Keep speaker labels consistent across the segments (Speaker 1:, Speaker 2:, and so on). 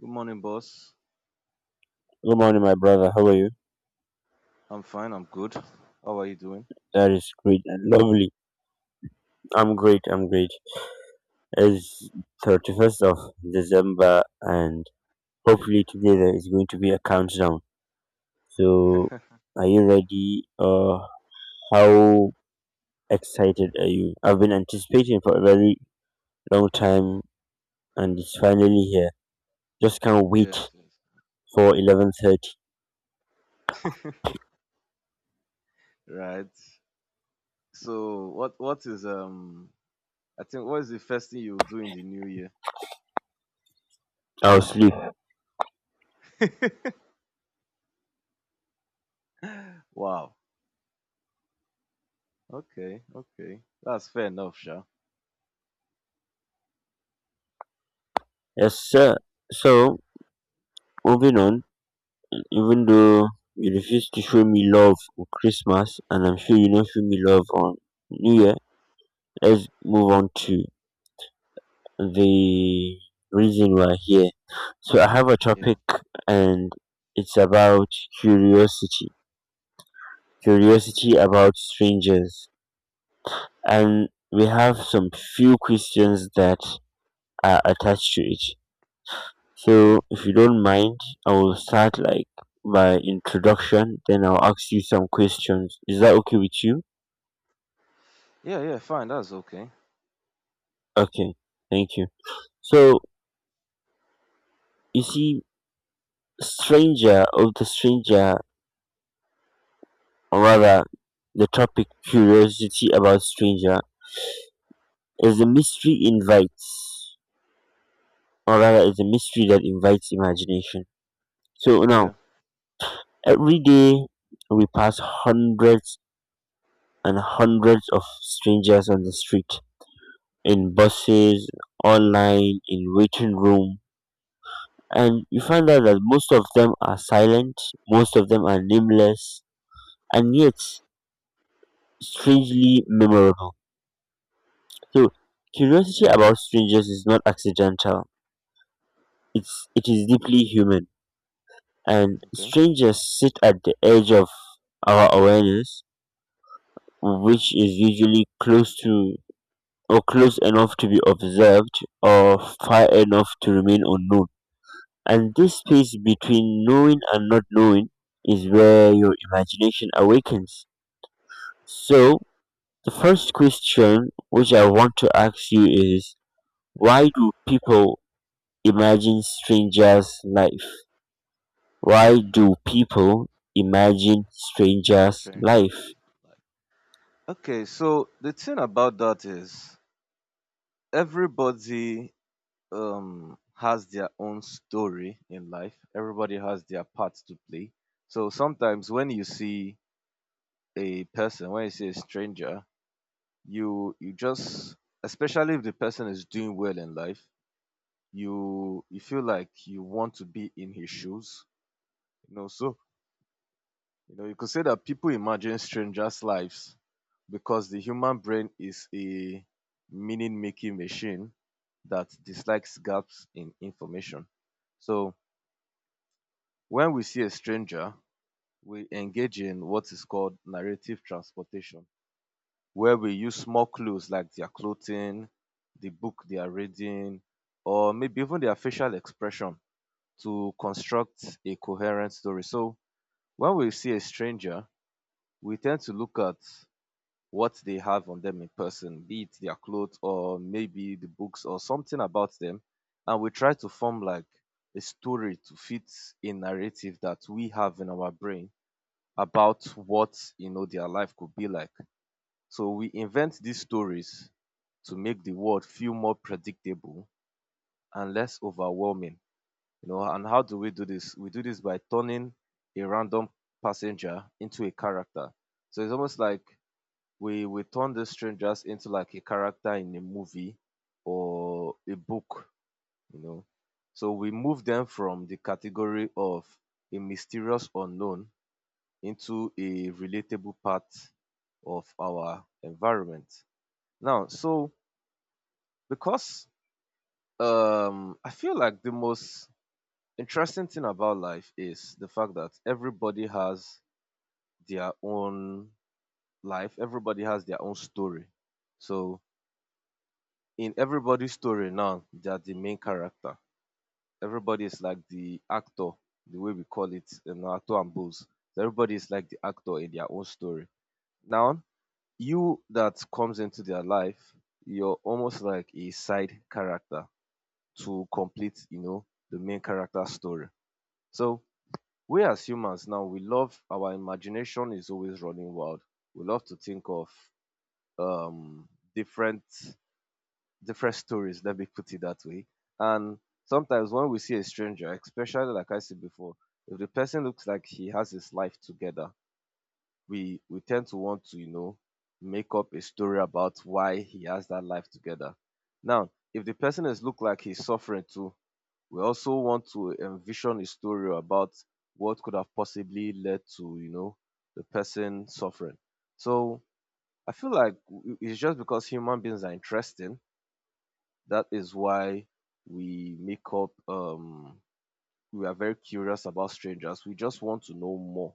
Speaker 1: Good morning, boss.
Speaker 2: Good morning, my brother. How are you?
Speaker 1: I'm fine. I'm good. How are you doing?
Speaker 2: That is great and lovely. I'm great. It's 31st of December, and hopefully today there is going to be a countdown. So, are you ready? How excited are you? I've been anticipating for a very long time, and it's finally here. Just can't
Speaker 1: Yes,
Speaker 2: wait
Speaker 1: yes.
Speaker 2: for 11:30.
Speaker 1: Right. So, what is? I think what is the first thing you do in the new year?
Speaker 2: I'll sleep.
Speaker 1: Wow. Okay. Okay. That's fair enough, sure.
Speaker 2: Yes, sir. So, moving on. Even though you refuse to show me love on Christmas and I'm sure you don't show me love on New Year, let's move on to the reason we're here. So I have a
Speaker 1: Yeah.
Speaker 2: topic and it's about curiosity.
Speaker 1: Mm,
Speaker 2: Curiosity about strangers. And we have some few questions that are attached to it. So
Speaker 1: okay.
Speaker 2: if you don't mind, I will start like by introduction, then I'll ask you some questions. Is that okay with you?
Speaker 1: Yeah. Yeah. Fine. That's okay.
Speaker 2: Okay, thank you. So you see, stranger of the stranger, or rather, the topic curiosity about stranger is a mystery invites, or rather, is a mystery that invites imagination. So now,
Speaker 1: Yeah.
Speaker 2: every day we pass hundreds and hundreds of strangers on the street, in buses, online, in waiting room, and you find out that most of them are silent, most of them are nameless, and yet strangely memorable. So curiosity about strangers is not accidental. It is deeply human. And
Speaker 1: Okay.
Speaker 2: strangers sit at the edge of our awareness, which is usually close to or close enough to be observed or far enough to remain unknown. And this space between knowing and not knowing is where your imagination awakens. So the first question which I want to ask you is why do people Imagine Strangers Life. Why do people imagine strangers'
Speaker 1: Strangers.
Speaker 2: life?
Speaker 1: Like. Okay. So the thing about that is everybody has their own story in life. Everybody has their part to play. So sometimes when you see a person, when you see a stranger, you just especially if the person is doing well in life, you feel like you want to be in his shoes. You know, so you know you could say that people imagine strangers' lives because the human brain is a meaning making machine that dislikes gaps in information. So when we see a stranger, we engage in what is called narrative transportation, where we use small clues like their clothing, the book they are reading, or maybe even their facial expression to construct a coherent story. So when we see a stranger, we tend to look at what they have on them in person, be it their clothes or maybe the books or something about them, and we try to form like a story to fit a narrative that we have in our brain about what you know their life could be like. So we invent these stories to make the world feel more predictable and less overwhelming. You know, and how do we do this? We do this by turning a random passenger into a character. So it's almost like we turn the strangers into like a character in a movie or a book, you know. So we move them from the category of a mysterious unknown into a relatable part of our environment. Now, so because I feel like the most interesting thing about life is the fact that everybody has their own life, everybody has their own story. So, in everybody's story now, they are the main character. Everybody is like the actor, the way we call it in our two and bulls. Everybody is like the actor in their own story. Now, you that comes into their life, you're almost like a side character to complete, you know, the main character story. So we as humans now, we love our imagination is always running wild. We love to think of um, different different stories. Let me put it that way. And sometimes when we see a stranger, especially like I said before, if the person looks like he has his life together, we tend to want to you know make up a story about why he has that life together. Now, if the person is look like he's suffering too, we also want to envision a story about what could have possibly led to you know the person suffering. So I feel like it's just because human beings are interesting that is why we make up we are very curious about strangers. We just want to know more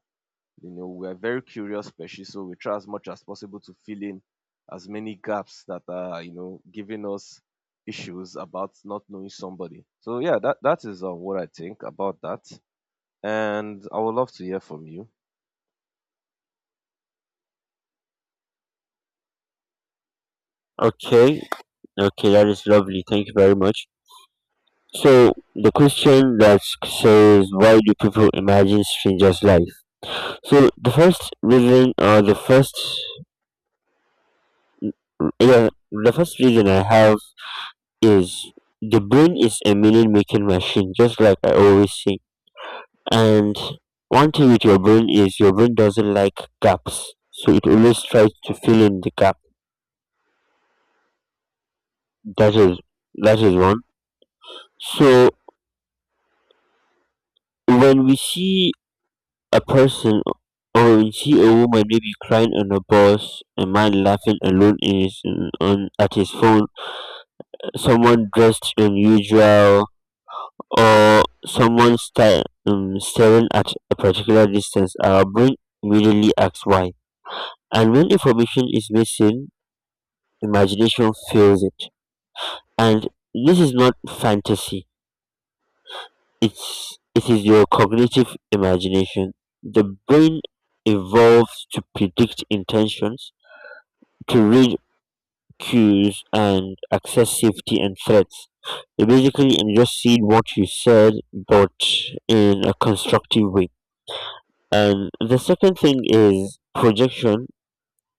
Speaker 1: you know, we're a very curious species, so we try as much as possible to fill in as many gaps that are, you know, giving us issues about not knowing somebody. So yeah, that is what I think about that, and I would love to hear from you.
Speaker 2: Okay, okay, that is lovely. Thank you very much. So the question that says why do people imagine strangers' life? So the first reason or the first yeah the first reason I have is the brain is a meaning making machine just like I always say. And one thing with your brain is your brain doesn't like gaps, so it always tries to fill in the gap. That is that is one. So when we see a person or we see a woman maybe crying on a bus, a man laughing alone in his, on at his phone, someone dressed unusual, or someone staring at a particular distance, our brain immediately asks why. And when information is missing, imagination fuels it, and this is not fantasy. It is your cognitive imagination. The brain evolves to predict intentions, to read cues, and access safety and threats. You basically and just see what you said, but in a constructive way. And the second thing is projection,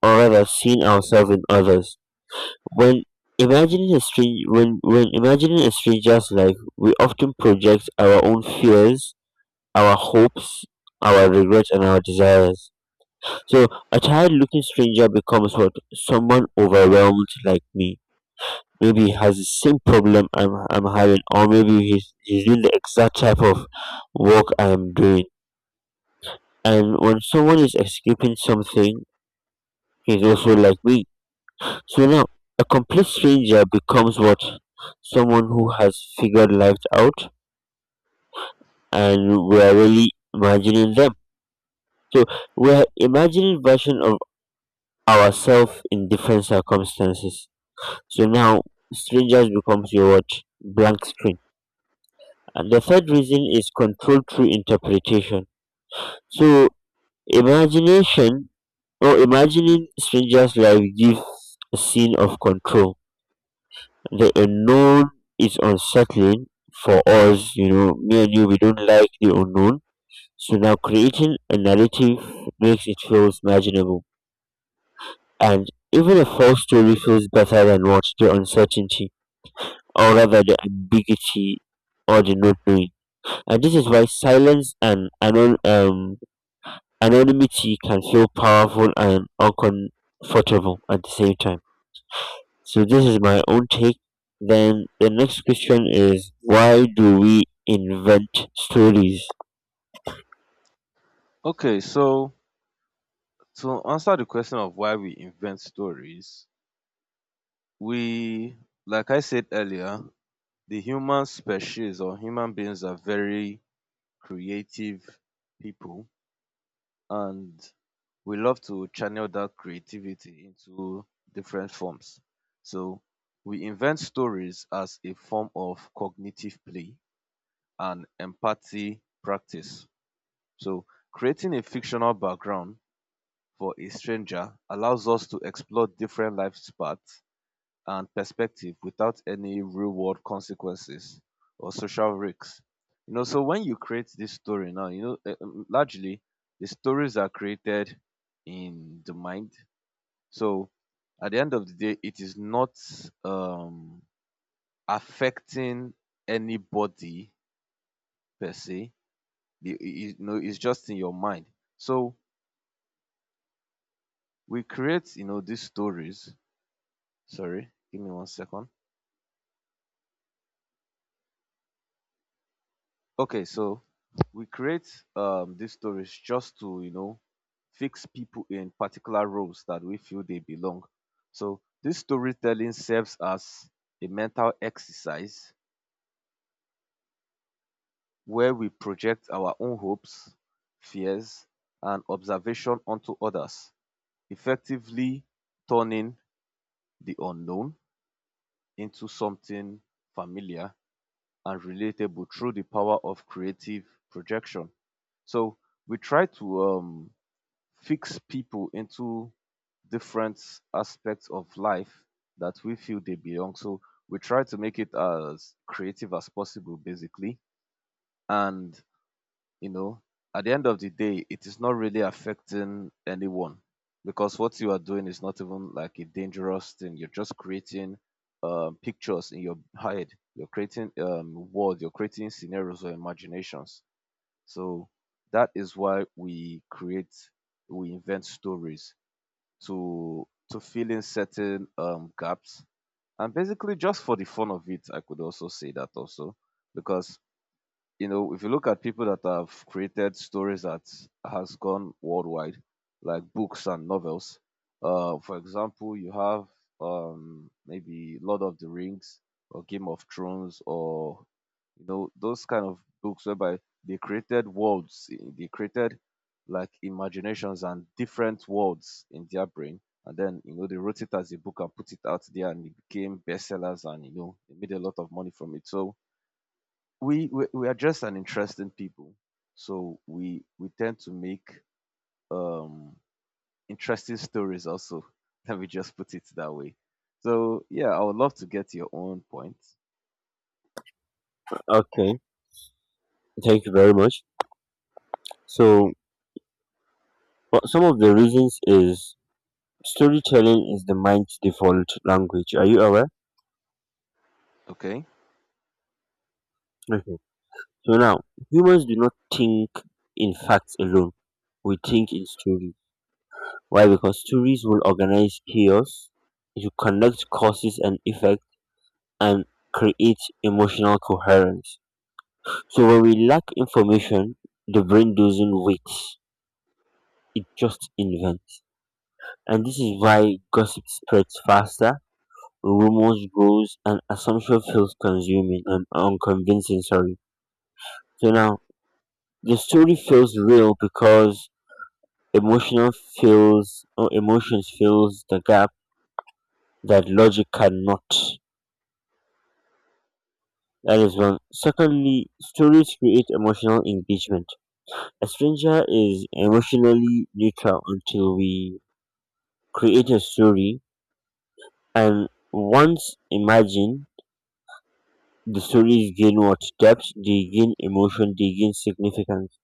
Speaker 2: or rather, seeing ourselves in others. When when imagining a stranger's life, we often project our own fears, our hopes, our regrets and our desires. So a tired looking stranger becomes what someone overwhelmed like me. Maybe he has the same problem I'm having or maybe he's doing the exact type of work I am doing. And when someone is escaping something, he's also like me. So now, a complete stranger becomes what? Someone who has figured life out and we're really imagining them. So we're imagining version of ourselves in different circumstances. So now strangers becomes your what? Blank screen. And the third reason is control through interpretation. So imagination or imagining strangers life gives a scene of control. The unknown is unsettling for us, you know, me and you, we don't like the unknown. So now creating a narrative makes it feel imaginable. And even a false story feels better than what the uncertainty, or rather the ambiguity or the not knowing. And this is why silence and anonymity can feel powerful and uncomfortable at the same time. So this is my own take. Then the next question is why do we invent stories?
Speaker 1: Okay, so to answer the question of why we invent stories, we, like I said earlier, the human species or human beings are very creative people, and we love to channel that creativity into different forms. So we invent stories as a form of cognitive play and empathy practice. So creating a fictional background for a stranger allows us to explore different life paths and perspective without any real world consequences or social risks. You know, so when you create this story now, you know, largely the stories are created in the mind, so at the end of the day, it is not um, affecting anybody per se. You know, it's just in your mind. So we create, you know, these stories. Sorry, give me one second. Okay, so we create these stories just to, you know, fix people in particular roles that we feel they belong. So this storytelling serves as a mental exercise where we project our own hopes, fears, and observation onto others, effectively turning the unknown into something familiar and relatable through the power of creative projection. So we try to fix people into different aspects of life that we feel they belong. So we try to make it as creative as possible, basically. And you know, at the end of the day, it is not really affecting anyone because what you are doing is not even like a dangerous thing. You're just creating pictures in your head. You're creating words. You're creating scenarios or imaginations. So that is why we create, we invent stories to fill in certain gaps and basically just for the fun of it. I could also say that also because you know, if you look at people that have created stories that has gone worldwide, like books and novels, for example, you have maybe Lord of the Rings or Game of Thrones or you know those kind of books whereby they created worlds, they created like imaginations and different worlds in their brain, and then you know they wrote it as a book and put it out there, and it became bestsellers, and you know they made a lot of money from it. So we are just an interesting people, so we tend to make um interesting stories also. Let me just put it that way. So yeah, I would love to get your own point.
Speaker 2: Okay, thank you very much. So well, some of the reasons is storytelling is the mind's default language. Are you aware?
Speaker 1: Okay,
Speaker 2: Okay. So now humans do not think in facts alone. We think in stories. Why? Because stories will organize chaos, you connect causes and effects, and create emotional coherence. So when we lack information, the brain doesn't wait, it just invents. And this is why gossip spreads faster, rumors grows, and assumption feels consuming and unconvincing, sorry. So now the story feels real because emotional feels or emotions fills the gap that logic cannot. That is one. Secondly, stories create emotional engagement. A stranger is emotionally neutral until we create a story. And once imagined, the stories gain what? Depth, they gain emotion, they gain significance.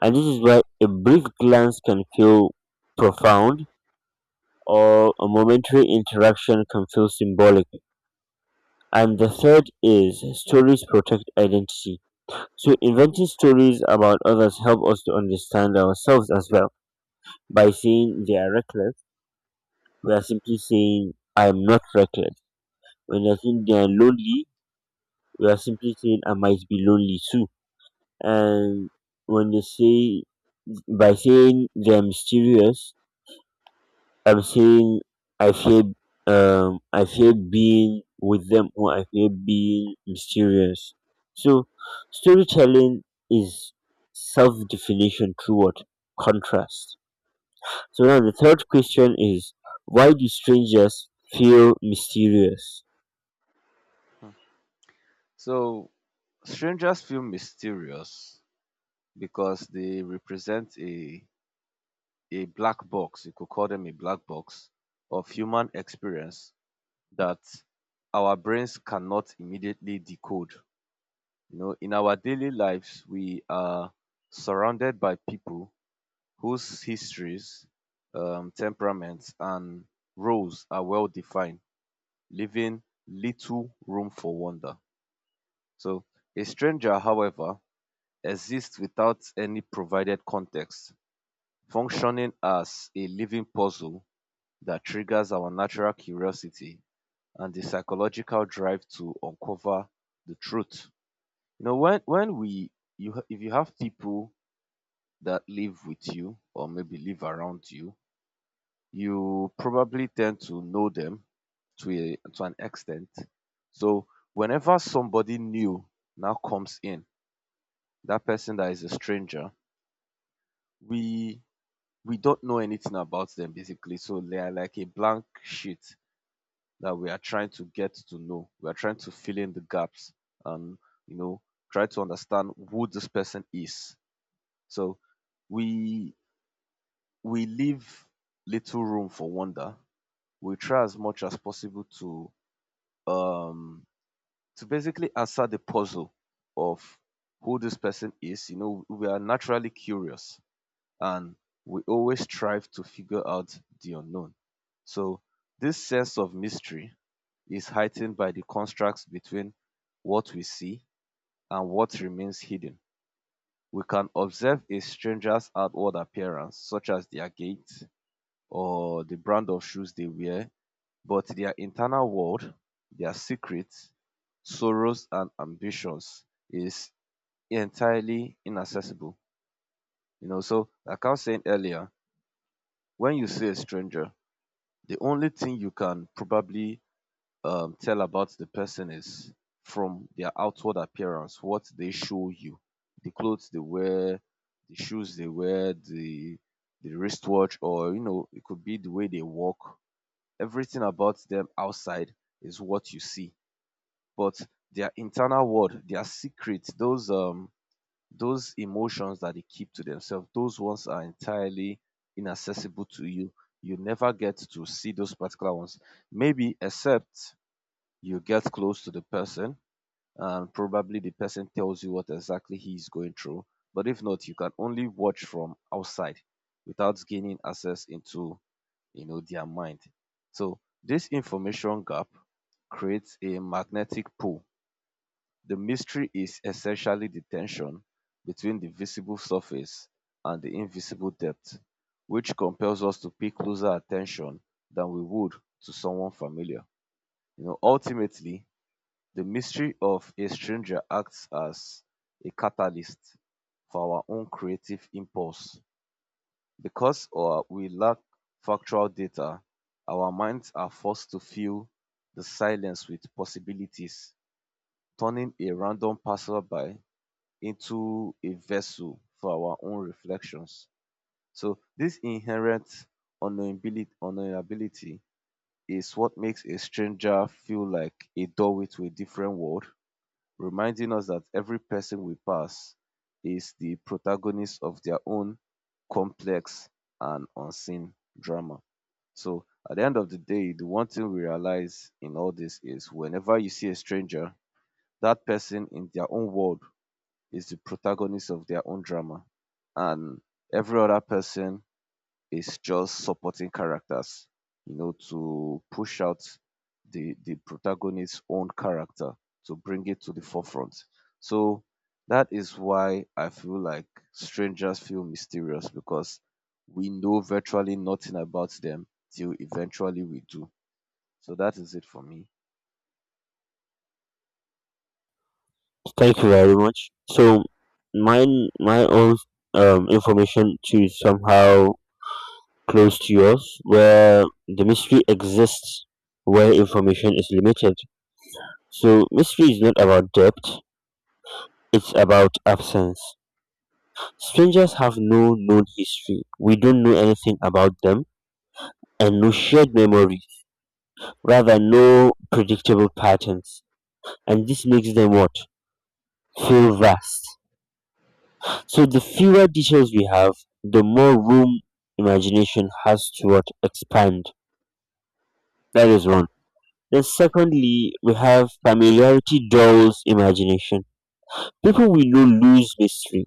Speaker 2: And this is why a brief glance can feel profound or a momentary interaction can feel symbolic. And the third is stories protect identity. So inventing stories about others help us to understand ourselves as well. By saying they are reckless, we are simply saying I am not reckless. When I think they are lonely, we are simply saying I might be lonely too. And when you say by saying they're mysterious, I'm saying I fear I fear being with them or I fear being mysterious. So storytelling is self definition through what? Contrast. So now the third question is why do strangers feel mysterious?
Speaker 1: so strangers feel mysterious because they represent a black box, you could call them a black box of human experience that our brains cannot immediately decode. You know, in our daily lives, we are surrounded by people whose histories, temperaments, and roles are well defined, leaving little room for wonder. So, a stranger, however, exists without any provided context, functioning as a living puzzle that triggers our natural curiosity and the psychological drive to uncover the truth. You know, when we if you have people that live with you or maybe live around you, you probably tend to know them to an extent. So whenever somebody new now comes in, that person that is a stranger, we we don't know anything about them basically. So they are like a blank sheet that we are trying to get to know. We are trying to fill in the gaps, and you know, try to understand who this person is. So we we leave little room for wonder. We try as much as possible um to basically answer the puzzle of who this person is. You know, we are naturally curious, and we always strive to figure out the unknown. So this sense of mystery is heightened by the contrast between what we see and what remains hidden. We can observe a stranger's outward appearance, such as their gait or the brand of shoes they wear, but their internal world, their secrets, sorrows, and ambitions is entirely inaccessible. You know, so like I was saying earlier, when you see a stranger, the only thing you can probably tell about the person is from their outward appearance, what they show you, the clothes they wear, the shoes they wear, the wristwatch, or you know, it could be the way they walk. Everything about them outside is what you see, but their internal world, their secret, those emotions that they keep to themselves, those ones are entirely inaccessible to you. You never get to see those particular ones, maybe except you get close to the person and probably the person tells you what exactly he is going through. But if not, you can only watch from outside without gaining access into, you know, their mind. So this information gap creates a magnetic pull. The mystery is essentially the tension between the visible surface and the invisible depth, which compels us to pay closer attention than we would to someone familiar. You know, ultimately, the mystery of a stranger acts as a catalyst for our own creative impulse because we lack factual data, our minds are forced to fill the silence with possibilities, turning a random passerby into a vessel for our own reflections. So this inherent unknowability is what makes a stranger feel like a doorway to a different world, reminding us that every person we pass is the protagonist of their own complex and unseen drama. So at the end of the day, the one thing we realize in all this is whenever you see a stranger, that person in their own world is the protagonist of their own drama, and every other person is just supporting characters, to push out the protagonist's own character to bring it to the forefront. So that is why I feel like strangers feel mysterious because we know virtually nothing about them till eventually we do. So that is it for me.
Speaker 2: Thank you very much. So mine my own information to somehow close to yours, where the mystery exists, where information is limited. So, mystery is not about depth, it's about absence. Strangers have no known history. We don't know anything about them and no shared memory, rather, no predictable patterns. And this makes them what? Feel vast. So, the fewer details we have, the more room imagination has to what? Expand. That is wrong. Then, secondly, we have familiarity dulls imagination. People we know lose mystery.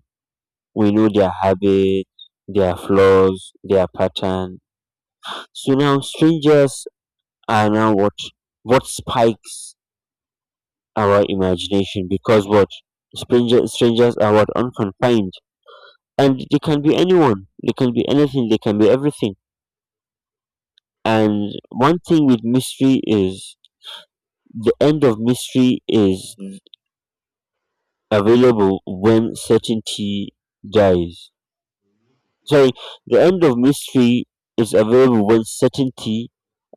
Speaker 2: We know their habits, their flaws, their pattern. So now strangers are now what spikes our imagination because what strangers are what unconfined and they can be anyone. They can be anything. They can be everything. And one thing with mystery is the end of mystery is available when certainty dies. Sorry, the end of mystery is available when certainty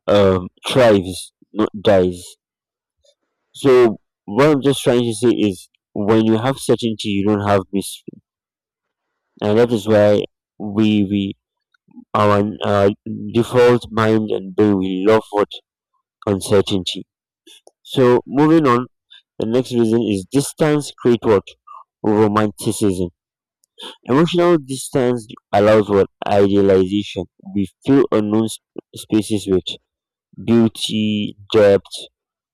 Speaker 2: thrives, not dies. So what I'm just trying to say is, when you have certainty, you don't have mystery, and that
Speaker 1: Hmm.
Speaker 2: is why we our default mind and brain we love what uncertainty. So moving on, the next reason is distance create what romanticism. Emotional distance allows for idealization. We fill unknown spaces with beauty, depth,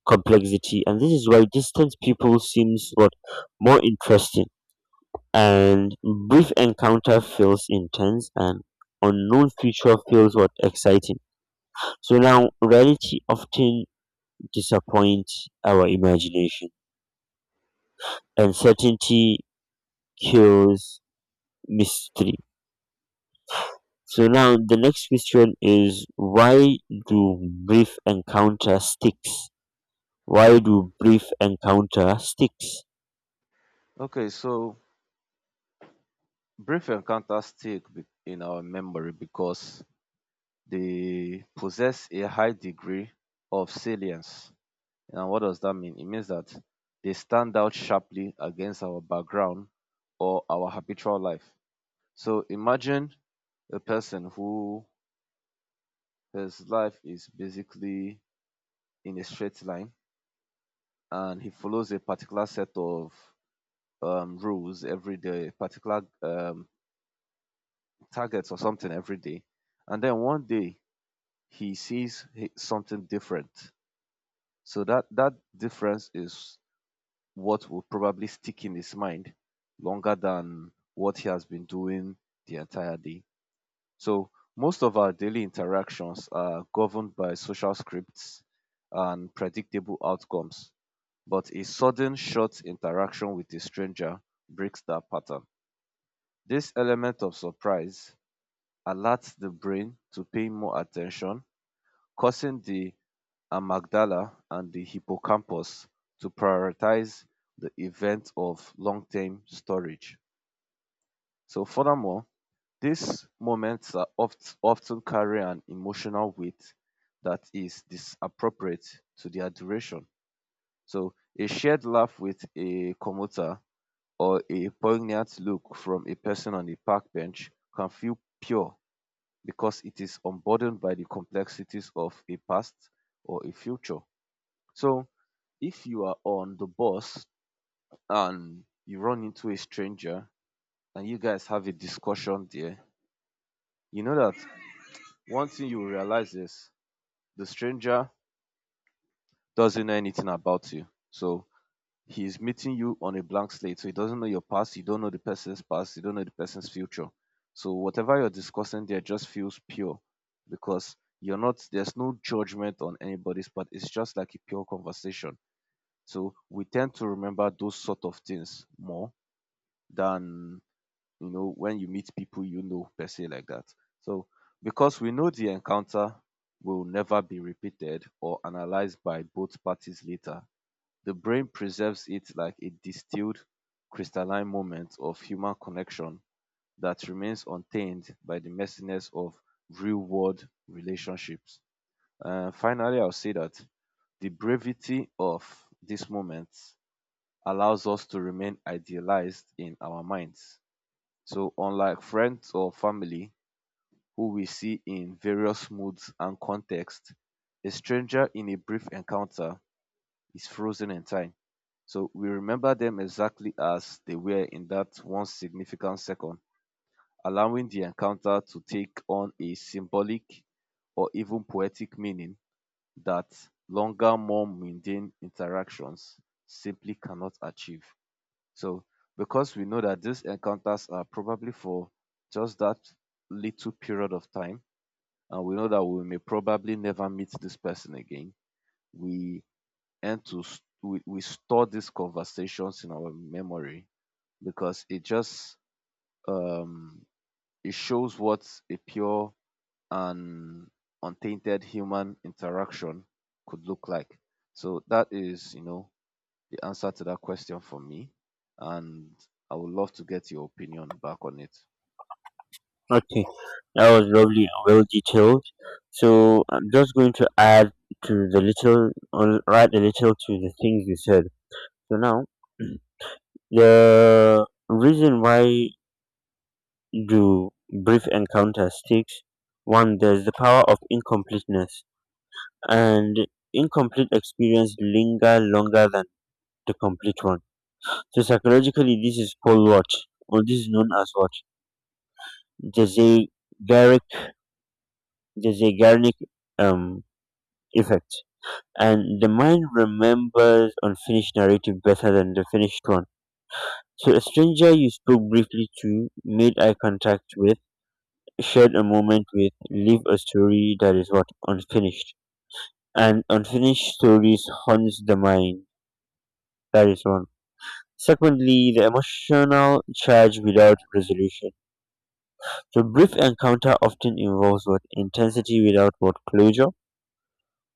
Speaker 2: complexity, and this is why distant people seems what more interesting. And brief encounter feels intense, and unknown future feels what exciting. So now, reality often disappoints our imagination, and certainty kills mystery. So now the next question is why do brief encounter sticks? Why do brief encounter sticks?
Speaker 1: Okay, so brief encounters stick in our memory because they possess a high degree of salience. And what does that mean? It means that they stand out sharply against our background or our habitual life. So imagine a person who his life is basically in a straight line and he follows a particular set of rules every day, particular targets or something every day. And then one day he- something different. So that difference is what will probably stick in his mind longer than what he has been doing the entire day. So most of our daily interactions are governed by social scripts and predictable outcomes, but a sudden short interaction with a stranger breaks that pattern. This element of surprise alerts the brain to pay more attention, causing the and Magdala and the hippocampus to prioritize the event of long-term storage. So furthermore, these moments often carry an emotional weight that is disappropriate to their duration. So a shared laugh with a commuter or a poignant look from a person on a park bench can feel pure because it is unburdened by the complexities of a past or a future. So if you are on the bus and you run into a stranger and you guys have a discussion there, you know that one thing you will realize is the stranger doesn't know anything about you. So he is meeting you on a blank slate. So he doesn't know your past, you don't know the person's past, you don't know the person's future. So whatever you're discussing there just feels pure because you're not there's no judgment on anybody's part. It's just like a pure conversation. So we tend to remember those sort of things more than, you know, when you meet people you know per se like that. So because we know the encounter will never be repeated or analyzed by both parties later, the brain preserves it like a distilled crystalline moment of human connection that remains untainted by the messiness of real world relationships. Finally, I'll say that the brevity of this moment allows us to remain idealized in our minds, so unlike friends or family, who we see in various moods and contexts, a stranger in a brief encounter is frozen in time. So we remember them exactly as they were in that one significant second, allowing the encounter to take on a symbolic or even poetic meaning that longer, more mundane interactions simply cannot achieve. So, because we know that these encounters are probably for just that little period of time, and we know that we may probably never meet this person again, we end to s- we store these conversations in our memory because it just um, it shows what a pure and untainted human interaction could look like. So that is, you know, the answer to that question for me, and I would love to get your opinion back on it.
Speaker 2: Okay, that was lovely and well detailed. So I'm just going to add to the little, or add a little to the things you said. So now the reason why do brief encounter sticks? One, there's the power of incompleteness, and incomplete experience linger longer than the complete one. So psychologically, this is called what, or this is known as what the Zeigarnik um, effect. And the mind remembers unfinished narrative better than the finished one. So a stranger you spoke briefly to, made eye contact with, shared a moment with, leave a story that is what unfinished. And unfinished stories haunts the mind. That is one. Secondly, the emotional charge without resolution. The brief encounter often involves what intensity without what closure,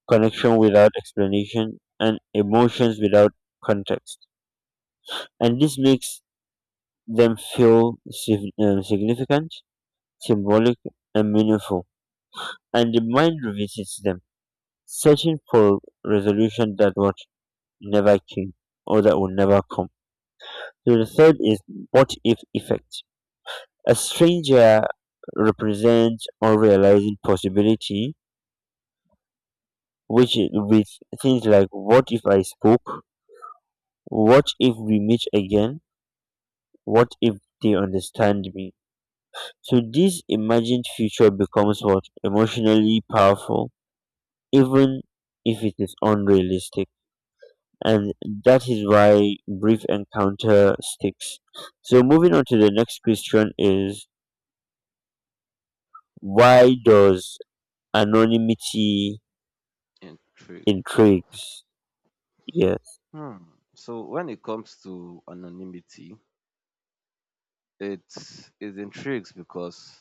Speaker 2: connection without explanation, and emotions without context, and this makes them feel significant, symbolic, and meaningful. And the mind revisits them, searching for resolution that what never came or that will never come. So the third is what if effect. A stranger represents unrealized possibility which with things like what if I spoke, what if we meet again, what if they understand me, so this imagined future becomes what emotionally powerful even if it is unrealistic, and that is why brief encounter sticks. So moving on to the next question is why does anonymity
Speaker 1: Intrigue.
Speaker 2: intrigues? Yes.
Speaker 1: Hmm. So when it comes to anonymity, it it intrigues because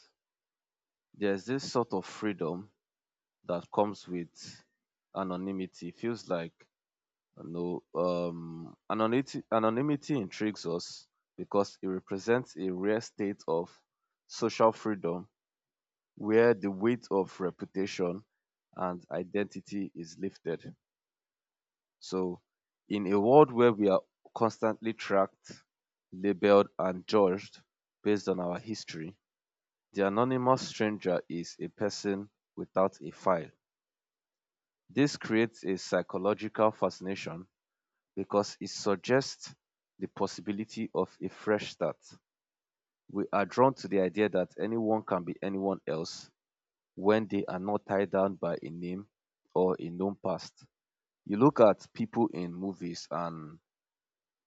Speaker 1: there's this sort of freedom that comes with anonymity. It feels like No, anonymity, anonymity intrigues us because it represents a rare state of social freedom where the weight of reputation and identity is lifted. So, in a world where we are constantly tracked, labeled, and judged based on our history, the anonymous stranger is a person without a file. This creates a psychological fascination because it suggests the possibility of a fresh start. We are drawn to the idea that anyone can be anyone else when they are not tied down by a name or a known past. You look at people in movies, and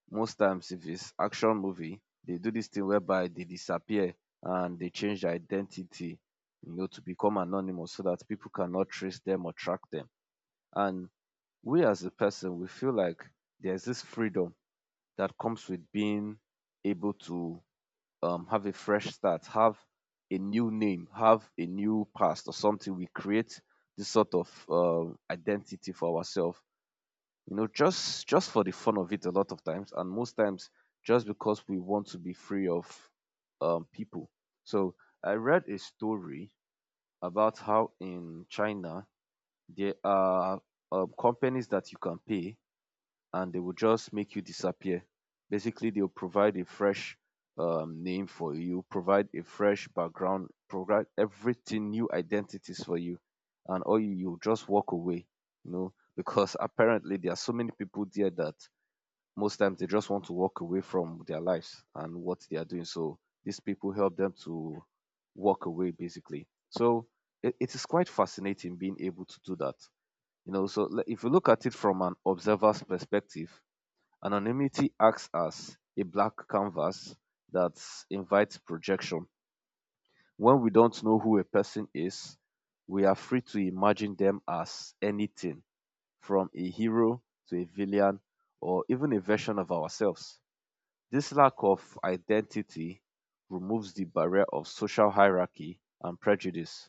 Speaker 1: most times, if it's action movie, they do this thing whereby they disappear and they change their identity, you know, to become anonymous so that people cannot trace them or track them. And we as a person, we feel like there's this freedom that comes with being able to have a fresh start, have a new name, have a new past or something. We create this sort of identity for ourselves, you know, just for the fun of it a lot of times, and most times just because we want to be free of people. So I read a story about how in China there are companies that you can pay and they will just make you disappear. Basically, they'll provide a fresh name for you, provide a fresh background, provide everything, new identities for you, and you just walk away, you know, because apparently there are so many people there that most times they just want to walk away from their lives and what they are doing. So these people help them to walk away, basically. So it is quite fascinating being able to do that. You know, so if you look at it from an observer's perspective, anonymity acts as a black canvas that invites projection. When we don't know who a person is, we are free to imagine them as anything from a hero to a villain or even a version of ourselves. This lack of identity removes the barrier of social hierarchy and prejudice,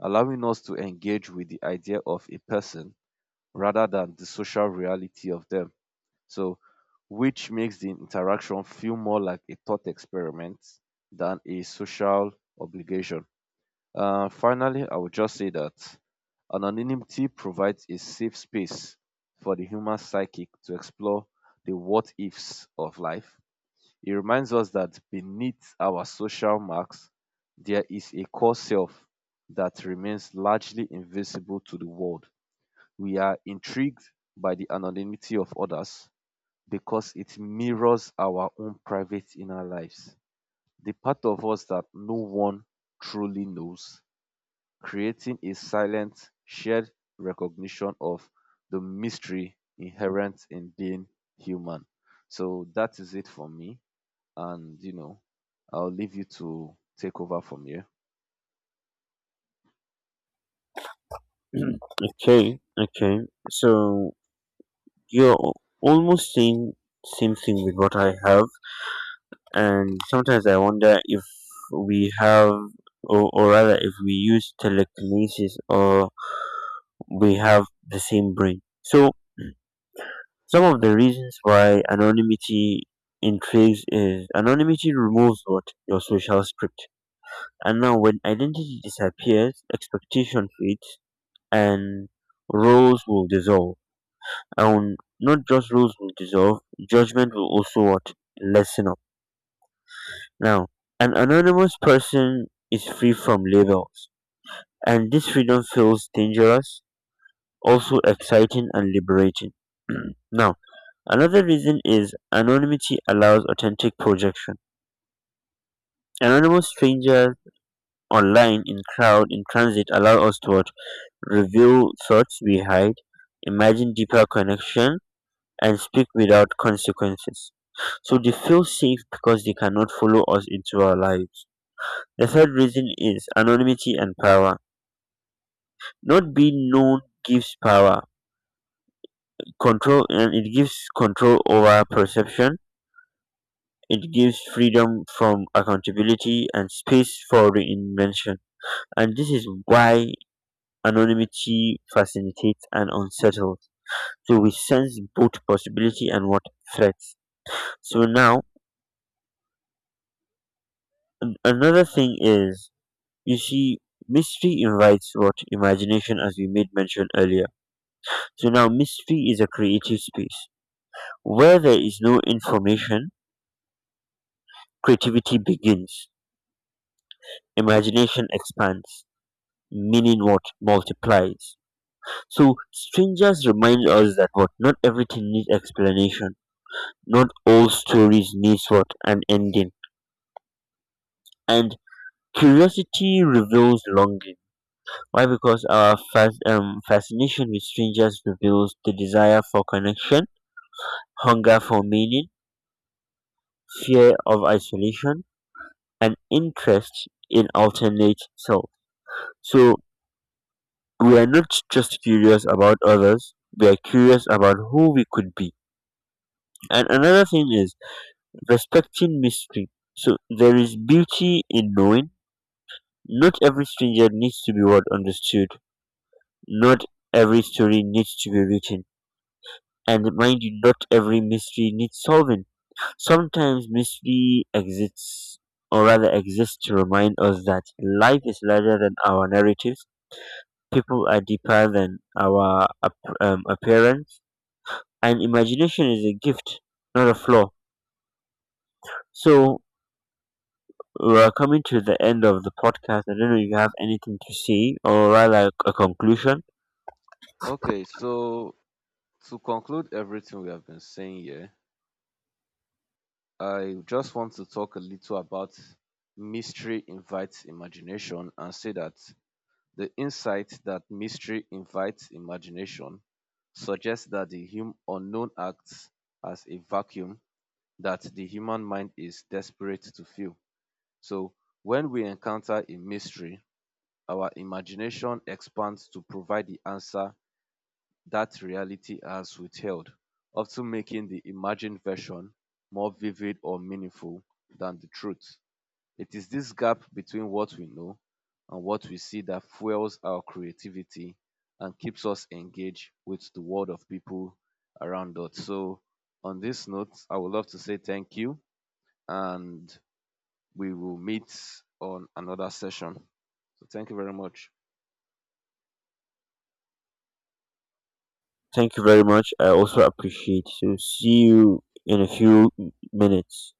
Speaker 1: allowing us to engage with the idea of a person rather than the social reality of them. So, which makes the interaction feel more like a thought experiment than a social obligation. Finally, I would just say that anonymity provides a safe space for the human psychic to explore the what ifs of life. It reminds us that beneath our social marks, there is a core self that remains largely invisible to the world. We are intrigued by the anonymity of others because it mirrors our own private inner lives, the part of us that no one truly knows, creating a silent, shared recognition of the mystery inherent in being human. So that is it for me. And, you know, I'll leave you to take over from here.
Speaker 2: Okay, okay. So you're almost saying same thing with what I have, and sometimes I wonder if we have, or rather, if we use telekinesis or we have the same brain. So some of the reasons why anonymity intrigues is anonymity removes what your social script, and now when identity disappears, expectation fades, and roles will dissolve. And not just rules will dissolve, judgment will also what? Lessen up. Now, an anonymous person is free from labels, and this freedom feels dangerous, also exciting and liberating. Now, another reason is anonymity allows authentic projection. Anonymous strangers online, in crowd, in transit allow us to what? Reveal thoughts we hide, imagine deeper connection and speak without consequences. So they feel safe because they cannot follow us into our lives. The third reason is anonymity and power. Not being known gives power, control, and it gives control over perception. It gives freedom from accountability and space for reinvention. And this is why anonymity facilitates and unsettles. So we sense both possibility and what threats. So now another thing is, you see, mystery invites what imagination, as we made mention earlier. So now, mystery is a creative space. Where there is no information, creativity begins, imagination expands, meaning what multiplies. So, strangers remind us that what not everything needs explanation, not all stories needs what an ending, and curiosity reveals longing. Why? Because our fascination with strangers reveals the desire for connection, hunger for meaning, fear of isolation, and interest in alternate self. So we are not just curious about others, we are curious about who we could be. And another thing is respecting mystery. So there is beauty in knowing. Not every stranger needs to be well understood. Not every story needs to be written. And mind you, not every mystery needs solving. Sometimes mystery exists or rather exists to remind us that life is larger than our narratives, people are deeper than our appearance, and imagination is a gift, not a flaw. So we're coming to the end of the podcast. I don't know if you have anything to say or rather a conclusion.
Speaker 1: Okay, so to conclude everything we have been saying here, I just want to talk a little about mystery invites imagination and say that the insight that mystery invites imagination suggests that the unknown acts as a vacuum that the human mind is desperate to fill. So, when we encounter a mystery, our imagination expands to provide the answer that reality has withheld, often making the imagined version more vivid or meaningful than the truth. It is this gap between what we know and what we see that fuels our creativity and keeps us engaged with the world of people around us. So, on this note, I would love to say thank you and we will meet on another session. So, thank you very much.
Speaker 2: Thank you very much. I also appreciate. So see you in a few minutes.